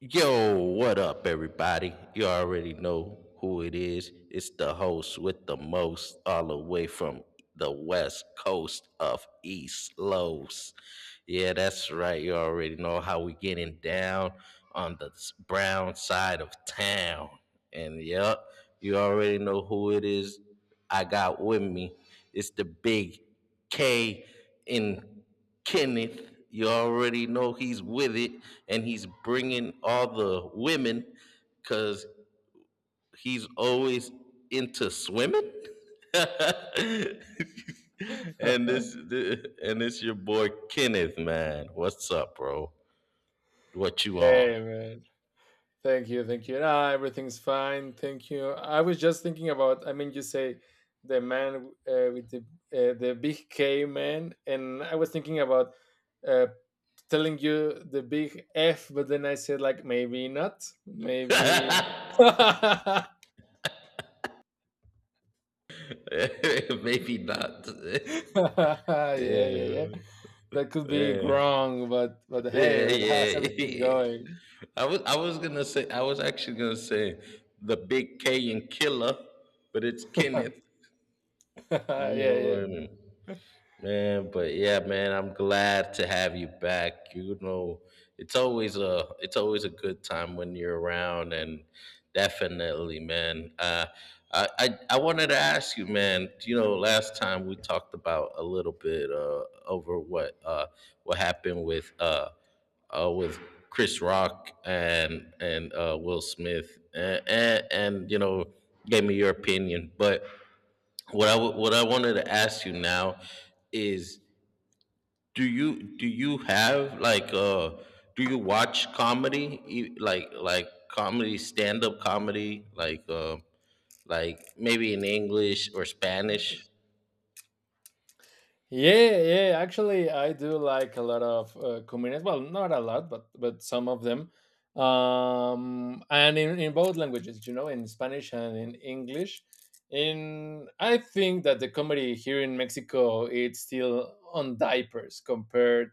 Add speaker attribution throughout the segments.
Speaker 1: Yo, what up, everybody? You already know who it is. It's the host with the most, all the way from the west coast of East Los. Yeah, that's right. You already know how we getting down on the brown side of town. And yep, you already know who it is. I got with me. It's the big. K in Kenneth. You already know he's with it and he's bringing all the women because he's always into swimming. and this and this your boy Kenneth, man. What's up, bro? What you on?
Speaker 2: Hey, man, thank you, thank you. Nah, everything's fine, thank you. I was just thinking about. I mean, you say the man with the big K, man, and I was thinking about uh, telling you the big F, but then I said, like, maybe not, maybe. Yeah,
Speaker 1: Maybe not.
Speaker 2: yeah,
Speaker 1: yeah.
Speaker 2: yeah. That could be
Speaker 1: Yeah.
Speaker 2: wrong, but hey,
Speaker 1: Yeah,
Speaker 2: man, how's
Speaker 1: yeah,
Speaker 2: everything
Speaker 1: yeah.
Speaker 2: going?
Speaker 1: I was actually gonna say the big K in killer, but it's Kenneth.
Speaker 2: Yeah, yeah.
Speaker 1: Man, but yeah, man, I'm glad to have you back. You know, it's always a good time when you're around, and definitely, man. I wanted to ask you, man. You know, last time we talked about a little bit, over what happened with Chris Rock and Will Smith, and gave me your opinion. But what I wanted to ask you now is, do you do you have like uh do you watch comedy, like comedy, stand up comedy, like maybe in English or Spanish?
Speaker 2: Yeah, yeah. Actually, I do like a lot of comedians. Well, not a lot, but some of them, and in both languages, you know, in Spanish and in English. In I think that the comedy here in Mexico it's still on diapers compared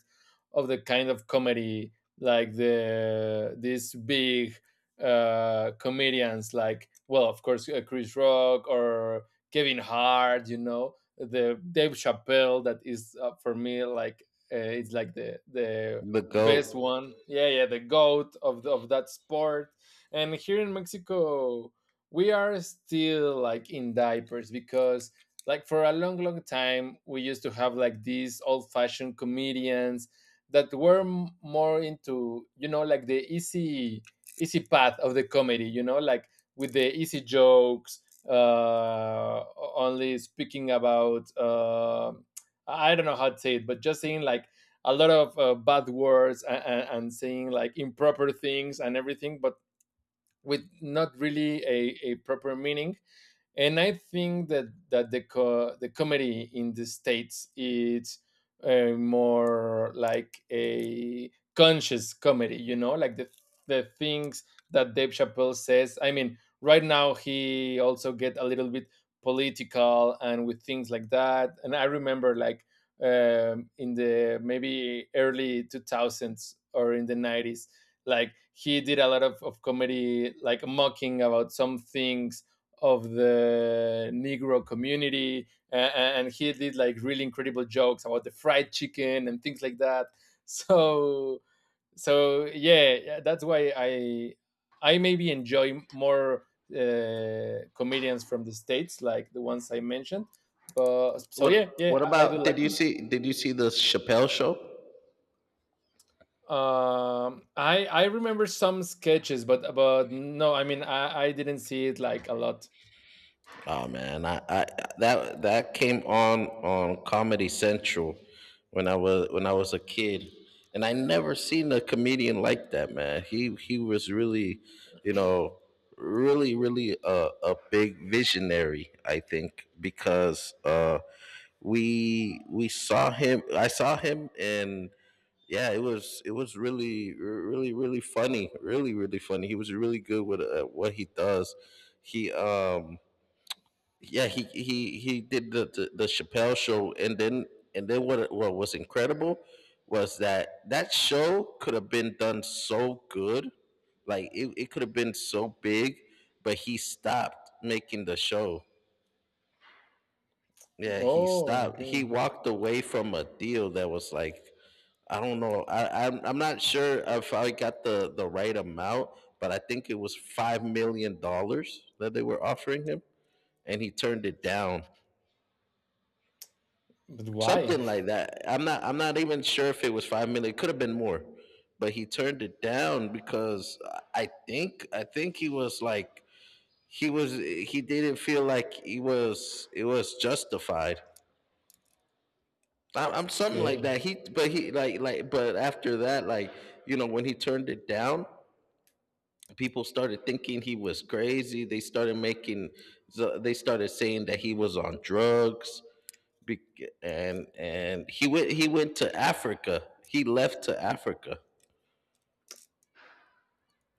Speaker 2: of the kind of comedy like these big comedians, like, well, of course, Chris Rock or Kevin Hart, you know, the Dave Chappelle that is, for me, like, it's like the
Speaker 1: The
Speaker 2: best
Speaker 1: goat.
Speaker 2: one. Yeah, yeah, the goat of of that sport. And here in Mexico, we are still like in diapers, because, like, for a long long time we used to have like these old fashioned comedians that were more into, you know, like the easy easy path of the comedy, you know, like, with the easy jokes, uh, only speaking about, I don't know how to say it, but just saying like a lot of bad words, and saying like improper things and everything, but with not really a proper meaning. And I think that the comedy in the states is, more like a conscious comedy, you know, like the things that Dave Chappelle says. I mean, right now he also get a little bit political and with things like that. And I remember, like, in the maybe early 2000s or in the 90s, like he did a lot of comedy, like mocking about some things of the Negro community, and he did like really incredible jokes about the fried chicken and things like that. So so yeah, yeah, that's why I maybe enjoy more comedians from the states, like the ones I mentioned. But so
Speaker 1: what
Speaker 2: yeah, yeah,
Speaker 1: what
Speaker 2: I do
Speaker 1: about
Speaker 2: like
Speaker 1: did you
Speaker 2: them.
Speaker 1: see did you see the Chappelle show?
Speaker 2: I remember some sketches, but no, I mean I didn't see it like a lot.
Speaker 1: Oh man, I that came on Comedy Central when I was a kid, and I never seen a comedian like that. Man, he was really, you know, really really a big visionary. I think because, we saw him. I saw him and. Yeah, it was really really really funny, really really funny. He was really good with, what he does. He yeah, he did the Chappelle show, and then what was incredible was that that show could have been done so good, like it could have been so big, but he stopped making the show. Yeah, he
Speaker 2: Oh,
Speaker 1: stopped.
Speaker 2: okay.
Speaker 1: He walked away from a deal that was like, I don't know. I'm not sure if I got the right amount, but I think it was $5 million that they were offering him, and he turned it down,
Speaker 2: But why?
Speaker 1: something like that. I'm not even sure if it was 5 million. It could have been more, but he turned it down because I think he was like, he didn't feel like, he was it was justified. I, I'm Something like
Speaker 2: Okay.
Speaker 1: that. He but he like but after that, when he turned it down. People started thinking he was crazy. So they started saying that he was on drugs. Bec- and he went to Africa. He left to Africa.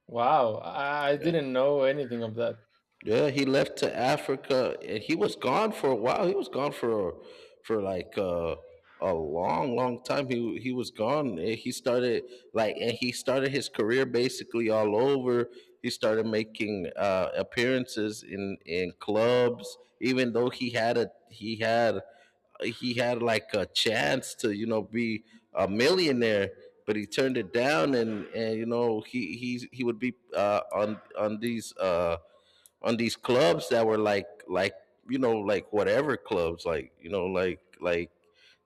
Speaker 2: Wow, I
Speaker 1: Yeah.
Speaker 2: didn't know anything of that.
Speaker 1: Yeah, he left to Africa and he was gone for a while. He was gone for for like uh, a long, long time. He was gone. And he started his career basically all over. He started making, appearances in clubs, even though he had like a chance to, be a millionaire, but he turned it down, and he would be, on on these clubs that were, like you know like whatever clubs like you know like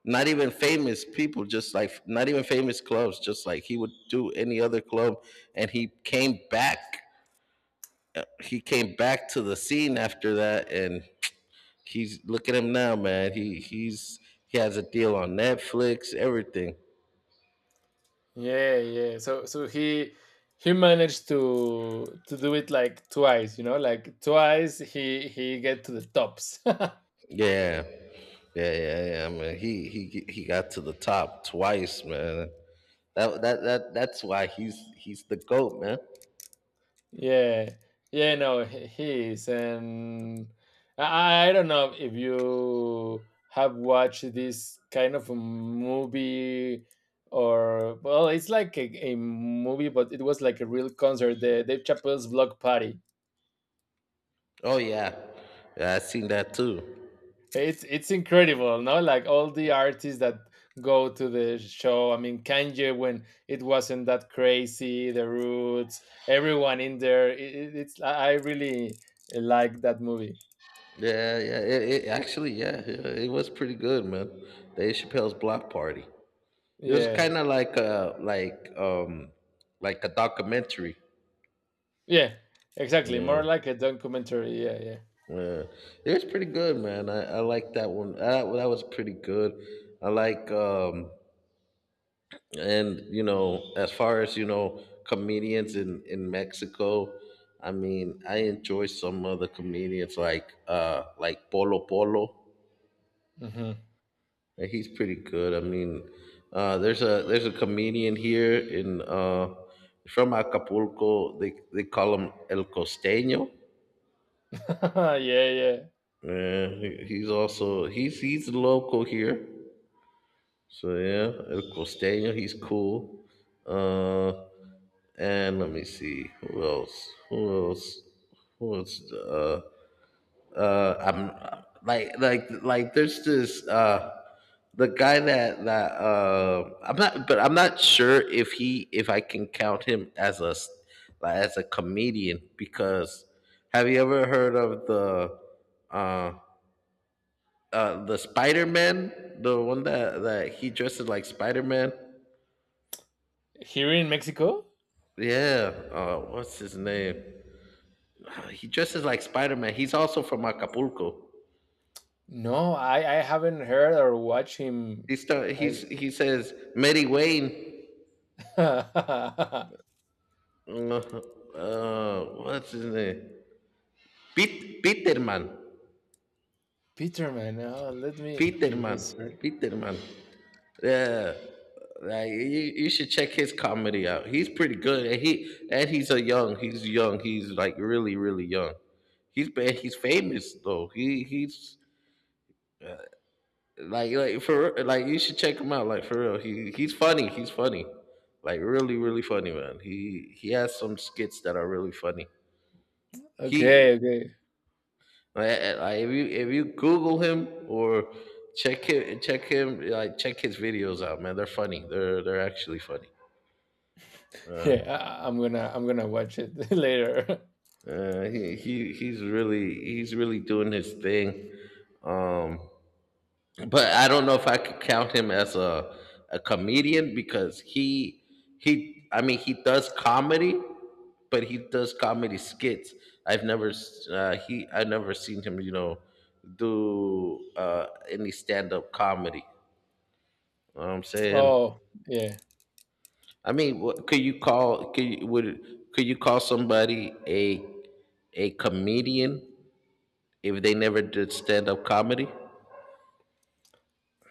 Speaker 1: not even famous people, just, not even famous clubs, just, he would do any other club. And he came back to the scene after that. And he's look at him now, man. He has a deal on Netflix, everything.
Speaker 2: Yeah, yeah. So he managed to do it like twice, you know, like twice he get to the tops.
Speaker 1: Yeah, yeah, yeah, yeah, man. He got to the top twice, man. That's why he's the goat, man.
Speaker 2: Yeah. Yeah, no, he is, and I don't know if you have watched this kind of a movie, or, well, it's like a movie, but it was like a real concert, the Dave Chappelle's Block Party.
Speaker 1: Oh yeah, yeah, I seen that too.
Speaker 2: It's incredible, no? Like all the artists that go to the show. I mean, Kanye, when it wasn't that crazy, the Roots, everyone in there. It's I really like that movie.
Speaker 1: Yeah, yeah. It actually, yeah, yeah, it was pretty good, man. Dave Chappelle's Block Party. It was
Speaker 2: Yeah,
Speaker 1: kind of like a documentary.
Speaker 2: yeah, exactly.
Speaker 1: Yeah,
Speaker 2: More like a documentary. Yeah, yeah,
Speaker 1: yeah. It was pretty good, man. I like that one. That was pretty good. I like and you know as far as, comedians in Mexico. I mean, I enjoy some of the comedians like Polo Polo.
Speaker 2: hmm,
Speaker 1: Yeah, he's pretty good. I mean, there's a comedian here in from Acapulco. They call him El Costeño.
Speaker 2: yeah, yeah.
Speaker 1: Yeah, he's also, he's local here. So yeah, El Costeño. He's cool. Uh, and let me see, who else? Who else? Who else? I'm like There's this, the guy that, I'm not sure if he, if I can count him as as a comedian, because have you ever heard of uh the spider-man, the one that he dresses like spider-man?
Speaker 2: Here in Mexico?
Speaker 1: Yeah, what's his name? He dresses like spider-man, he's also from Acapulco.
Speaker 2: No, I haven't heard or watched him.
Speaker 1: He start
Speaker 2: I
Speaker 1: he's He says Mary Wayne. Uh, what's his name? Peterman.
Speaker 2: Peterman. Oh, let me
Speaker 1: Peterman.
Speaker 2: search.
Speaker 1: Peterman. Yeah. Like, you should check his comedy out. He's pretty good, and he and he's a young. He's young. He's like really, really young. He's bad. He's famous though. He he's like for like You should check him out. Like, for real, he's funny. He's funny, like really, really funny, man. He has some skits that are really funny.
Speaker 2: Okay,
Speaker 1: He
Speaker 2: okay.
Speaker 1: if you Google him, or check him, check his videos out, man. They're funny. They're actually funny. Uh,
Speaker 2: Yeah, I'm gonna watch it later.
Speaker 1: he's really doing his thing. Um, but I don't know if I could count him as a comedian because he I mean he does comedy, but he does comedy skits. I never seen him, you know, do, any stand up comedy. You know what I'm saying?
Speaker 2: Oh, yeah.
Speaker 1: I mean, what, could you call somebody a comedian if they never did stand up comedy?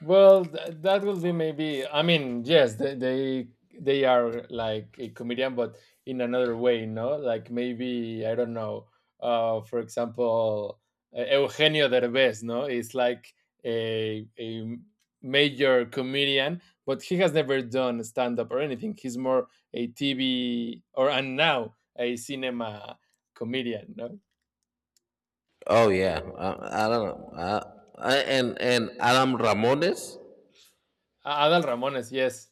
Speaker 2: Well, that will be maybe. I mean, yes, they are like a comedian, but in another way, no? Like, maybe, I don't know. For example, Eugenio Derbez, no? It's like a major comedian, but he has never done stand up or anything. He's more a TV, or, and now a cinema comedian, no?
Speaker 1: Oh yeah, I don't know. And Adam Ramones.
Speaker 2: Adal Ramones, yes.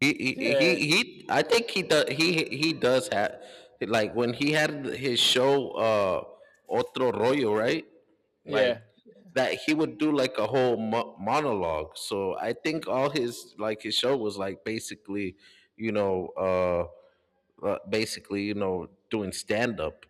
Speaker 1: He he.
Speaker 2: Yeah,
Speaker 1: He I think he does. He does have, like, when he had his show, Otro Rollo, right? Like,
Speaker 2: yeah.
Speaker 1: that he would do, like, a whole monologue. So I think all his show was like basically, doing stand up.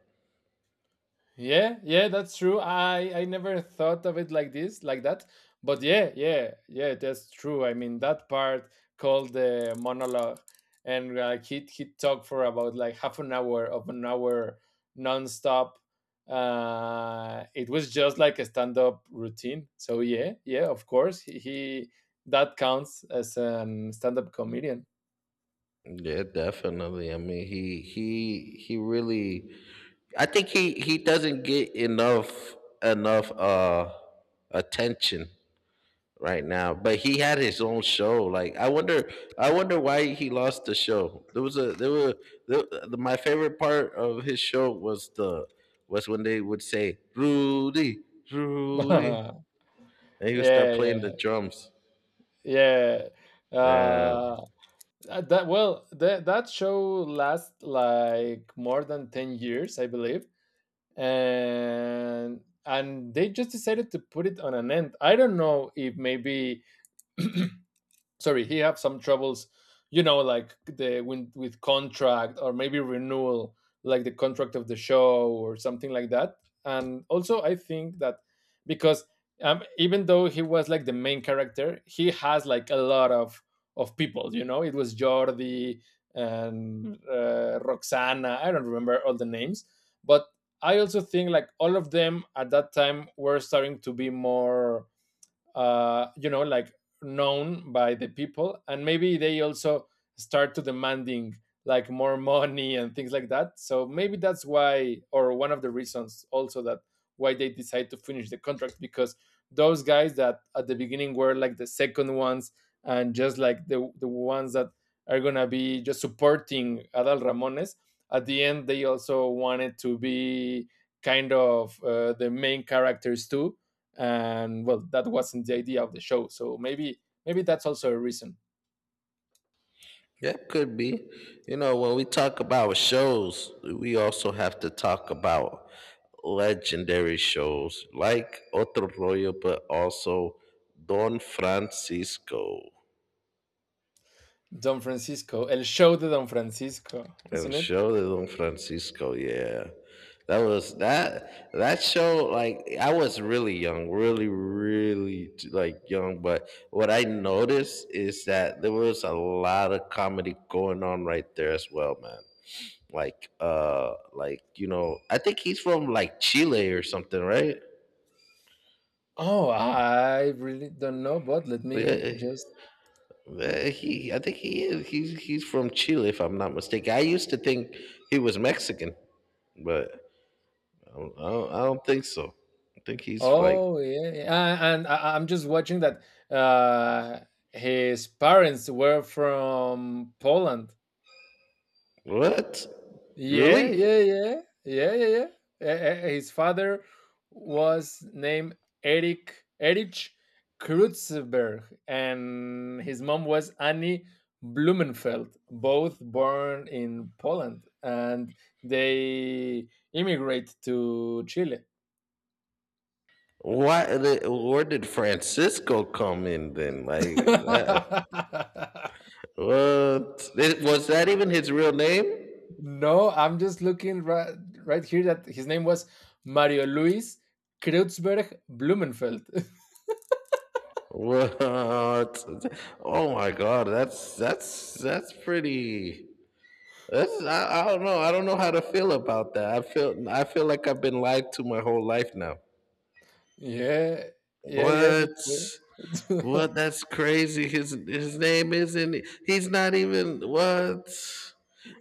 Speaker 2: Yeah, yeah, that's true. I never thought of it like this, like that. But yeah, yeah, yeah, that's true. I mean, that part called the monologue, and, like, he talked for about like half an hour of an hour nonstop. It was just like a stand up routine. So yeah, yeah, of course he that counts as a stand up comedian.
Speaker 1: Yeah, definitely. I mean, he really. I think he doesn't get enough attention right now. But he had his own show. Like, I wonder why he lost the show. There was a there were the, My favorite part of his show was the was when they would say Rudy, Rudy,
Speaker 2: Yeah,
Speaker 1: and he would start playing the
Speaker 2: yeah.
Speaker 1: drums.
Speaker 2: Yeah.
Speaker 1: Yeah,
Speaker 2: Uh that, well, that show lasts like more than 10 years, I believe. And they just decided to put it on an end. I don't know if maybe, sorry, he had some troubles, you know, like the when, with contract or maybe renewal like the contract of the show or something like that. And also I think that, because, even though he was like the main character, he has like a lot of people, you know, it was Jordi and Roxana. I don't remember all the names, but I also think like all of them at that time were starting to be more, you know, like, known by the people, and maybe they also start to demanding like more money and things like that. So maybe that's why, or one of the reasons also that why they decide to finish the contract, because those guys that at the beginning were like the second ones and just like the ones that are gonna be just supporting Adal Ramones. At the end, they also wanted to be kind of, the main characters too, and, well, that wasn't the idea of the show, so maybe that's also a reason.
Speaker 1: that could be. You know, when we talk about shows, we also have to talk about legendary shows like Otro Rollo, but also Don Francisco.
Speaker 2: Don Francisco, El Show de Don Francisco,
Speaker 1: El
Speaker 2: isn't it?
Speaker 1: Show de Don Francisco, yeah. That show, like, I was really young, really really like young, but what I noticed is that there was a lot of comedy going on right there as well, man. I think he's from, like, Chile or something, right?
Speaker 2: Oh, I really don't know, but let me
Speaker 1: Yeah.
Speaker 2: just.
Speaker 1: He I think he is. He's from Chile if I'm not mistaken. I used to think he was Mexican, but I don't think so. I think he's like,
Speaker 2: Oh, yeah, yeah. Ah, and I'm just watching that uh his parents were from Poland.
Speaker 1: what?
Speaker 2: Yeah,
Speaker 1: Really?
Speaker 2: yeah, yeah, yeah, yeah, yeah. His father was named Eric Erich Kreuzberg, and his mom was Annie Blumenfeld. Both born in Poland, and they immigrate to Chile.
Speaker 1: Why? Where did Francisco come in then? Like that? What? Was that even his real name?
Speaker 2: No, I'm just looking right here that his name was Mario Luis Kreuzberg Blumenfeld.
Speaker 1: What? Oh my God! That's pretty. That's I don't know. I don't know how to feel about that. I feel like I've been lied to my whole life now.
Speaker 2: Yeah. Yeah, yeah,
Speaker 1: What?
Speaker 2: me too.
Speaker 1: What? That's crazy. His name isn't. He's not even, what?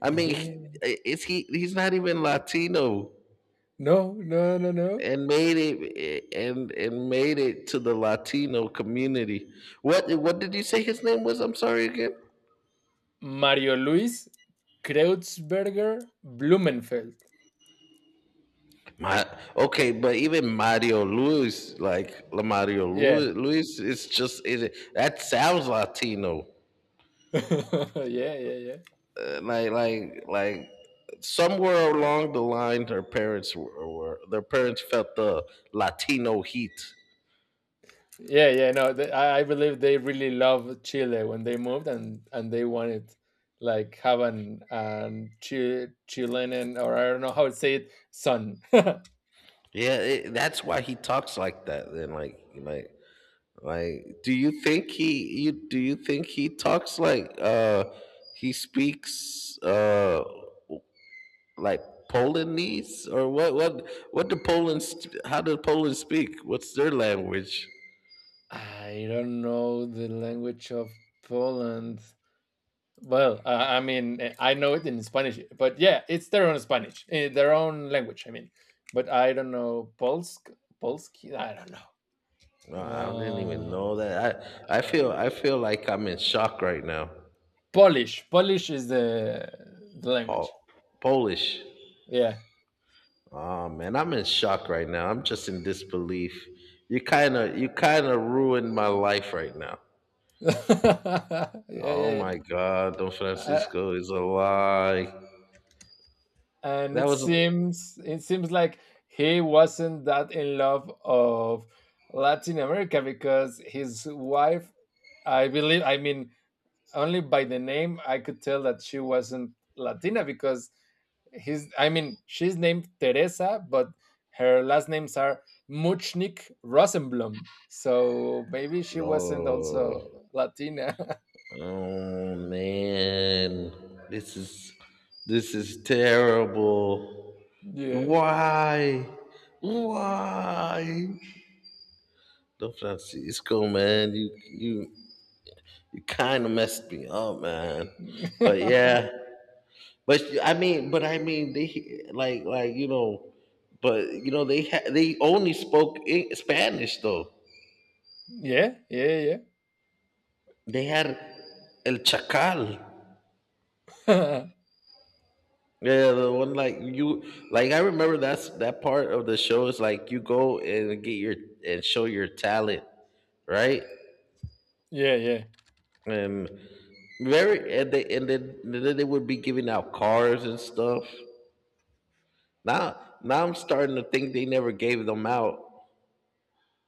Speaker 1: I mean,
Speaker 2: Yeah.
Speaker 1: is he? He's not even Latino,
Speaker 2: No, no, no, no.
Speaker 1: and made it and made it to the Latino community. What? What did you say his name was? I'm sorry again.
Speaker 2: Mario Luis Kreutzberger Blumenfeld.
Speaker 1: My, okay, but even Mario Luis, like, La Mario
Speaker 2: Yeah.
Speaker 1: Luis, Luis, it's just, is it that sounds Latino.
Speaker 2: Yeah, yeah, yeah.
Speaker 1: uh, like like like Somewhere along the line, their parents felt the Latino heat.
Speaker 2: Yeah, yeah, no, I believe they really love Chile when they moved, and they wanted like have an Chilean, or I don't know how to say it, son.
Speaker 1: Yeah, that's why he talks like that then, do you think he talks like, he speaks, like Polonese? Or what how do Poland speak? What's their language?
Speaker 2: I don't know the language of Poland. Well, I mean, I know it in Spanish, but yeah, it's their own Spanish, their own language. I mean, but I don't know Polski. I don't
Speaker 1: No, I didn't even
Speaker 2: know.
Speaker 1: know that. I I
Speaker 2: Uh,
Speaker 1: feel
Speaker 2: uh,
Speaker 1: I feel like I'm in shock right now.
Speaker 2: Polish, Polish is the
Speaker 1: Pol-
Speaker 2: language.
Speaker 1: Polish.
Speaker 2: Yeah,
Speaker 1: Oh man, I'm in shock right now. I'm just in disbelief. You kind of ruined my life right now.
Speaker 2: yeah, yeah,
Speaker 1: Oh
Speaker 2: yeah.
Speaker 1: my God, Don
Speaker 2: Uh,
Speaker 1: Francisco is a lie.
Speaker 2: and
Speaker 1: That
Speaker 2: it
Speaker 1: was
Speaker 2: seems it seems like he wasn't that in love of Latin America because his wife, I believe. I mean, only by the name I could tell that she wasn't Latina, because his I mean she's named Teresa, but her last names are Muchnik Rosenblum. So maybe she wasn't
Speaker 1: no.
Speaker 2: also Latina.
Speaker 1: Oh man, this is this is terrible.
Speaker 2: Yeah.
Speaker 1: Why? Why? Don Francisco, man, you kind of messed me up, man. But
Speaker 2: Yeah,
Speaker 1: yeah. But I mean, they like but you know they only spoke in Spanish though.
Speaker 2: yeah, yeah.
Speaker 1: They had El Chacal. Yeah, yeah, the one like you like I remember that's that part of the show is like you go and get your and show your talent, right?
Speaker 2: Yeah, yeah.
Speaker 1: And very and they and then they would be giving out cars and stuff. Now now I'm starting to think they never gave them out.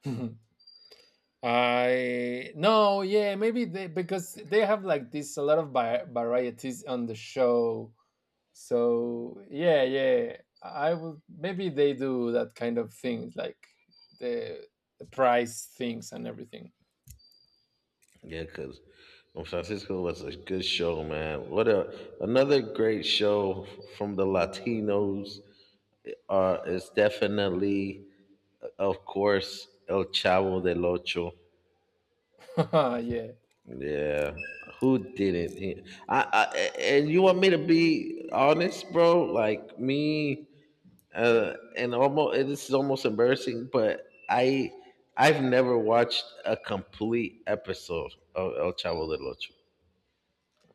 Speaker 2: I no, yeah, maybe they, because they have like this a lot of varieties on the show. So yeah, yeah, I would, maybe they do that kind of things like the the price things and everything.
Speaker 1: Yeah, because Francisco was a good show, man. What a another great show from the Latinos, is definitely, of course, El Chavo del Ocho.
Speaker 2: Yeah,
Speaker 1: Yeah, who didn't? I and you want me to be honest, bro? Like me, and almost this is almost embarrassing, but I I've never watched a complete episode of El Chavo del Ocho.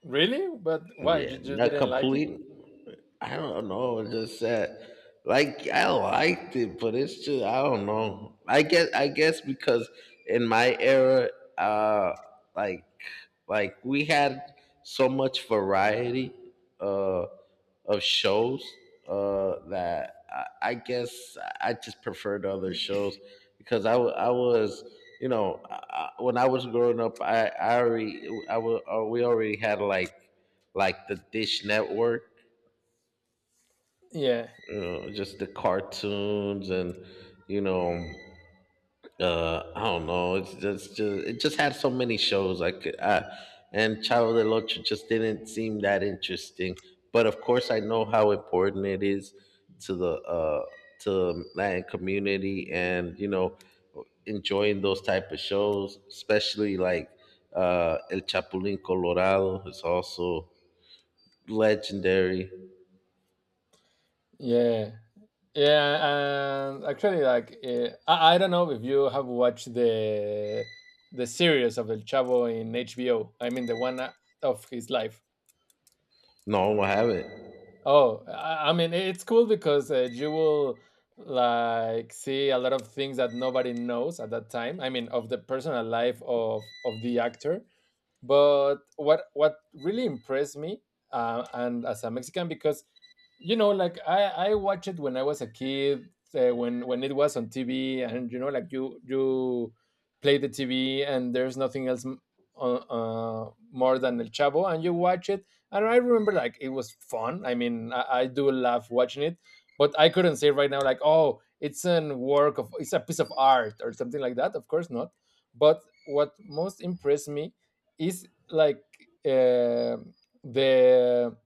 Speaker 2: really? But why? You
Speaker 1: Yeah,
Speaker 2: just
Speaker 1: not
Speaker 2: didn't like it?
Speaker 1: complete. I don't know. It's just that, like, I liked it, but it's just I don't know. I guess because in my era, uh, like, like we had so much variety, uh, of shows, that I guess I just preferred other shows because I was. You know, when I was growing up, I already, I was, we already had like the Dish Network,
Speaker 2: Yeah,
Speaker 1: just the cartoons and you know I don't know it's just, it just had so many shows like and child del Lotra just didn't seem that interesting, but of course I know how important it is to the to latin community and enjoying those type of shows, especially like el chapulín colorado is also legendary.
Speaker 2: yeah, yeah. And actually, like, I don't know if you have watched the series of El Chavo in HBO. I mean, the one of his life.
Speaker 1: No, I haven't.
Speaker 2: Oh, I mean, it's cool, because you will, like, see a lot of things that nobody knows at that time. I mean, of the personal life of the actor. But what really impressed me, and as a Mexican, because, you know, like, I watched it when I was a kid, when it was on TV, and, you know, like, you play the TV, and there's nothing else uh, more than El Chavo, and you watch it, and I remember, like, it was fun, I mean I do love watching it, but I couldn't say right now, like, oh, it's an work of it's a piece of art or something like that, of course not. But what most impressed me is, like, uh, the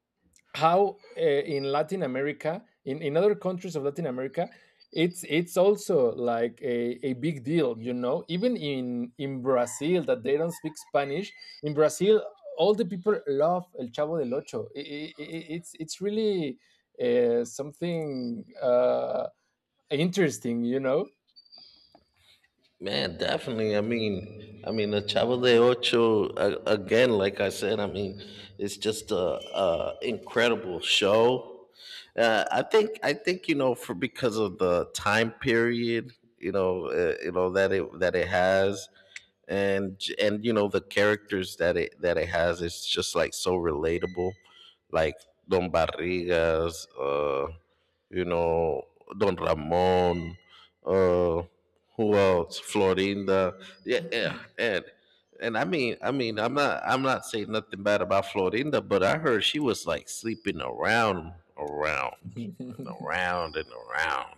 Speaker 2: how, in Latin America, in other countries of Latin America, it's also like a big deal, you know. Even in Brazil, that they don't speak Spanish. In Brazil, all the people love El Chavo del Ocho. It's really, something, interesting, you know.
Speaker 1: Man, definitely. I mean, the Chavo de Ocho again. Like I said, I mean, it's just a incredible show. I think you know, for because of the time period, you know that it has, and and you know the characters that it has, it's just like so relatable, like Don Barrigas, you know, Don Ramon, uh, who else? Florinda. Yeah, yeah. And I'm not saying nothing bad about Florinda, but I heard she was like sleeping around around and around and around.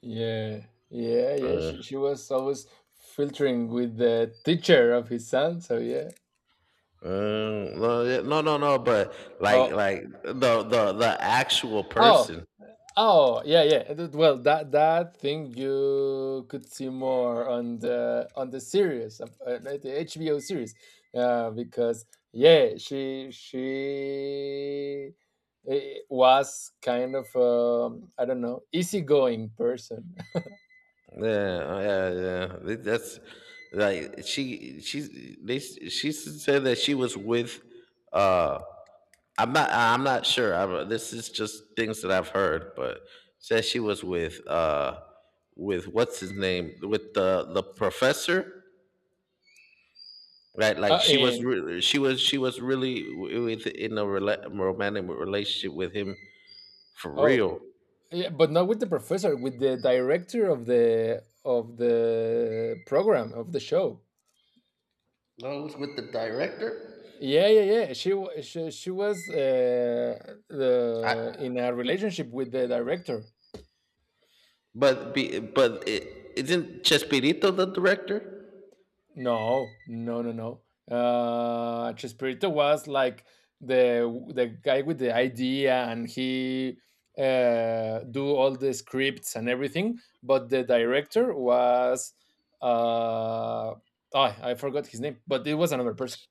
Speaker 2: Yeah, yeah, yeah.
Speaker 1: Uh,
Speaker 2: She was always filtering with the teacher of his son. So yeah.
Speaker 1: no, yeah, no, but
Speaker 2: Oh,
Speaker 1: like the actual
Speaker 2: oh,
Speaker 1: person.
Speaker 2: oh, yeah, yeah. Well, that thing you could see more on the series, like the HBO series, because yeah, she was kind of, I don't know, easygoing person.
Speaker 1: Yeah, yeah, yeah. That's like She. She said that she was with uh I'm not sure. I, this is just things that I've heard, but said she was with what's his name, with the professor, right? Like
Speaker 2: In
Speaker 1: she was really with in a romantic relationship with him for
Speaker 2: Oh,
Speaker 1: real.
Speaker 2: yeah, but not with the professor, with the director of the program of the show.
Speaker 1: No, it was with the director.
Speaker 2: Yeah, yeah, yeah. She wa she was
Speaker 1: I,
Speaker 2: the in a relationship with the director.
Speaker 1: but be, but it, isn't Chespirito the director?
Speaker 2: No, no, no, no. Chespirito was like the guy with the idea, and he do all the scripts and everything. But the director was uh, oh, I forgot his name, but it was another person.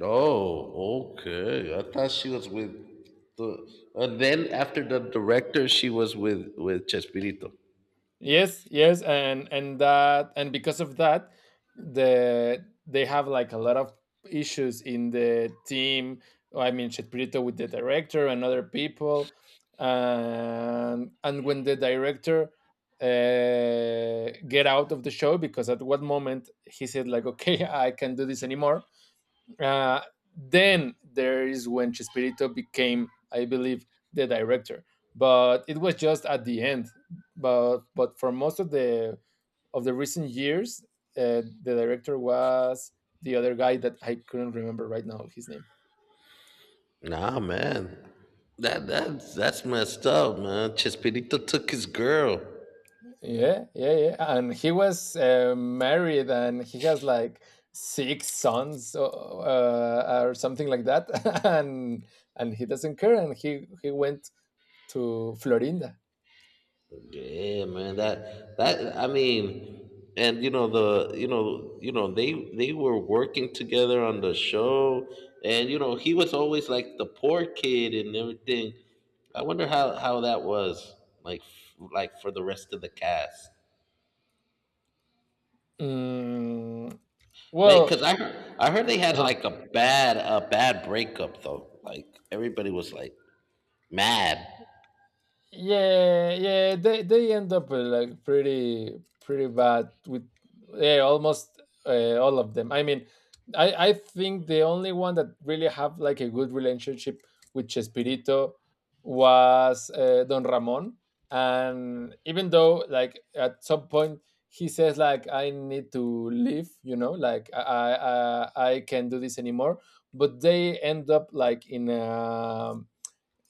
Speaker 1: Oh, okay. I thought she was with the. And then after the director, she was with Chespirito.
Speaker 2: Yes, yes, and because of that, they have like a lot of issues in the team. I mean, Chespirito with the director and other people, and when the director get out of the show because at one moment he said like, okay, I can't do this anymore, uh, then there is when Chespirito became, I believe, the director. But it was just at the end. But for most of the recent years, the director was the other guy that I couldn't remember right now his name.
Speaker 1: Nah, man, that's messed up, man. Chespirito took his girl.
Speaker 2: Yeah, yeah, yeah. And he was married, and he has like six sons or something like that. and and he doesn't care, and he went to Florinda.
Speaker 1: Yeah, man. That, I mean, and you know the you know they were working together on the show, and you know he was always like the poor kid and everything. I wonder how that was like like for the rest of the cast,
Speaker 2: 嗯，
Speaker 1: man.
Speaker 2: 我
Speaker 1: Because I heard they had
Speaker 2: 啊。
Speaker 1: like a bad breakup though. Like everybody was like mad.
Speaker 2: yeah yeah, they end up like pretty pretty bad with, yeah, almost all of them. I mean, I think the only one that really have like a good relationship with Chespirito was Don Ramon, and even though like at some point he says like I need to leave, you know, like I can't do this anymore, but they end up like in a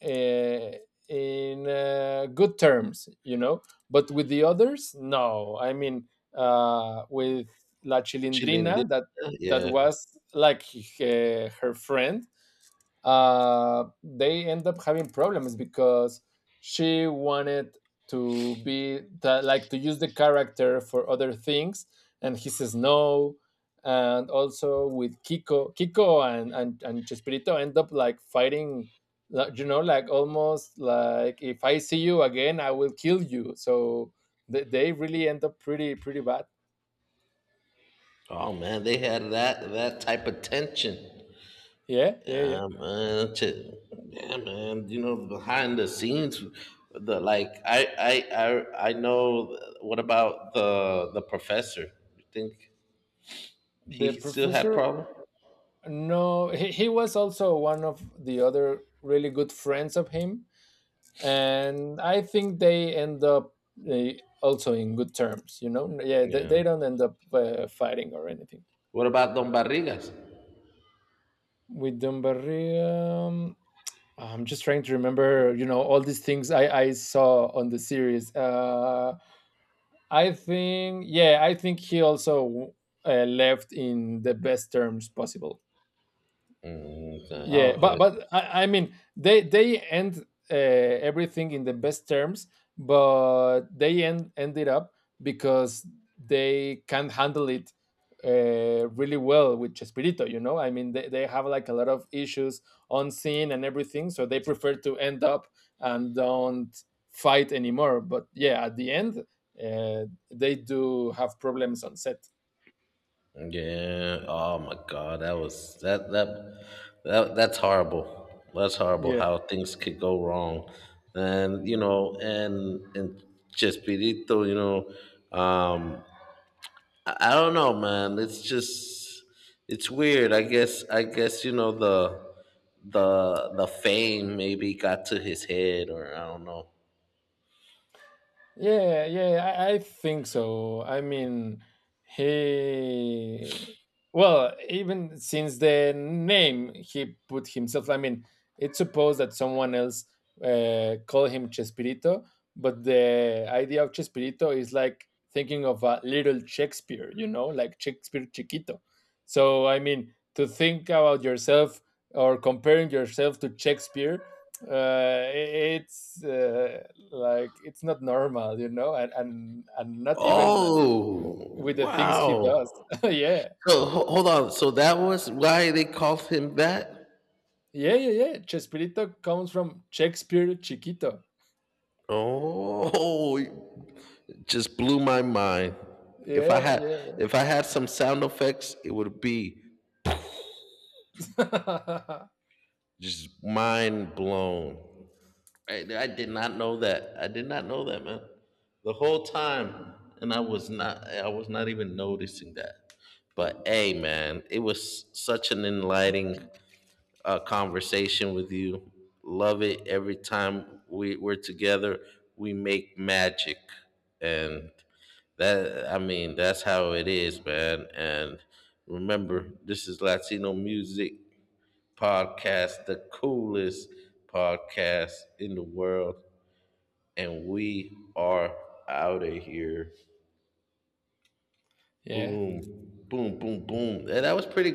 Speaker 2: uh, in good terms, you know. But with the others, no. I mean, with La
Speaker 1: She didn't.
Speaker 2: Chilindrina, that that
Speaker 1: Yeah.
Speaker 2: was like her friend, they end up having problems because she wanted to be that, like, to use the character for other things, and he says no. And also with Kiko, and Chespirito end up like fighting, like, you know, like almost like, if I see you again I will kill you. So they really end up pretty pretty bad.
Speaker 1: Oh man, they had that type of tension.
Speaker 2: Yeah, yeah, yeah.
Speaker 1: Yeah, man. That's yeah, man. You know, behind the scenes, the like, I know. What about the professor? You think
Speaker 2: The
Speaker 1: he still had
Speaker 2: professor?
Speaker 1: problem?
Speaker 2: No, he was also one of the other really good friends of him, and I think they end up, also in good terms. You know, yeah, they,
Speaker 1: Yeah.
Speaker 2: they don't end up fighting or anything.
Speaker 1: What about Don Barrigas?
Speaker 2: With Dumbarria, I'm just trying to remember. You know, all these things I saw on the series. I think, yeah, I think he also left in the best terms possible.
Speaker 1: Mm, okay. Oh,
Speaker 2: Yeah,
Speaker 1: okay.
Speaker 2: but I mean they end everything in the best terms, but they ended up because they can't handle it really well with Chespirito. You know, I mean they have like a lot of issues on scene and everything, so they prefer to end up and don't fight anymore. But yeah, at the end, uh, they do have problems on set.
Speaker 1: Yeah. Oh my God, that was that that that that's horrible. That's horrible.
Speaker 2: Yeah.
Speaker 1: How things could go wrong, and you know, and Chespirito, you know, I don't know, man. It's just it's weird. I guess you know the fame maybe got to his head, or I don't know.
Speaker 2: Yeah, yeah, I think so. I mean, he, well, even since the name he put himself, I mean, it's supposed that someone else called him Chespirito, but the idea of Chespirito is like thinking of a little Shakespeare, you know, like Shakespeare Chiquito. So, I mean, to think about yourself or comparing yourself to Shakespeare, uh, it's like, it's not normal, you know, and and not even like
Speaker 1: Oh
Speaker 2: with the things he
Speaker 1: wow!
Speaker 2: does. Yeah,
Speaker 1: So hold on. So that was why they called him that.
Speaker 2: yeah, yeah, yeah. Chespirito comes from Shakespeare Chiquito.
Speaker 1: Oh, just blew my mind. If I
Speaker 2: Yeah,
Speaker 1: had
Speaker 2: yeah,
Speaker 1: if I had some sound effects, it would be just mind blown. I did not know that. I did not know that, man. The whole time, and I was not even noticing that. But hey, man, it was such an enlightening conversation with you. Love it every time we're together. We make magic, and that I mean that's how it is, man. And remember, this is Latino Music Podcast, the coolest podcast in the world, and we are out of here.
Speaker 2: yeah.
Speaker 1: Boom, boom, boom, boom. And that was pretty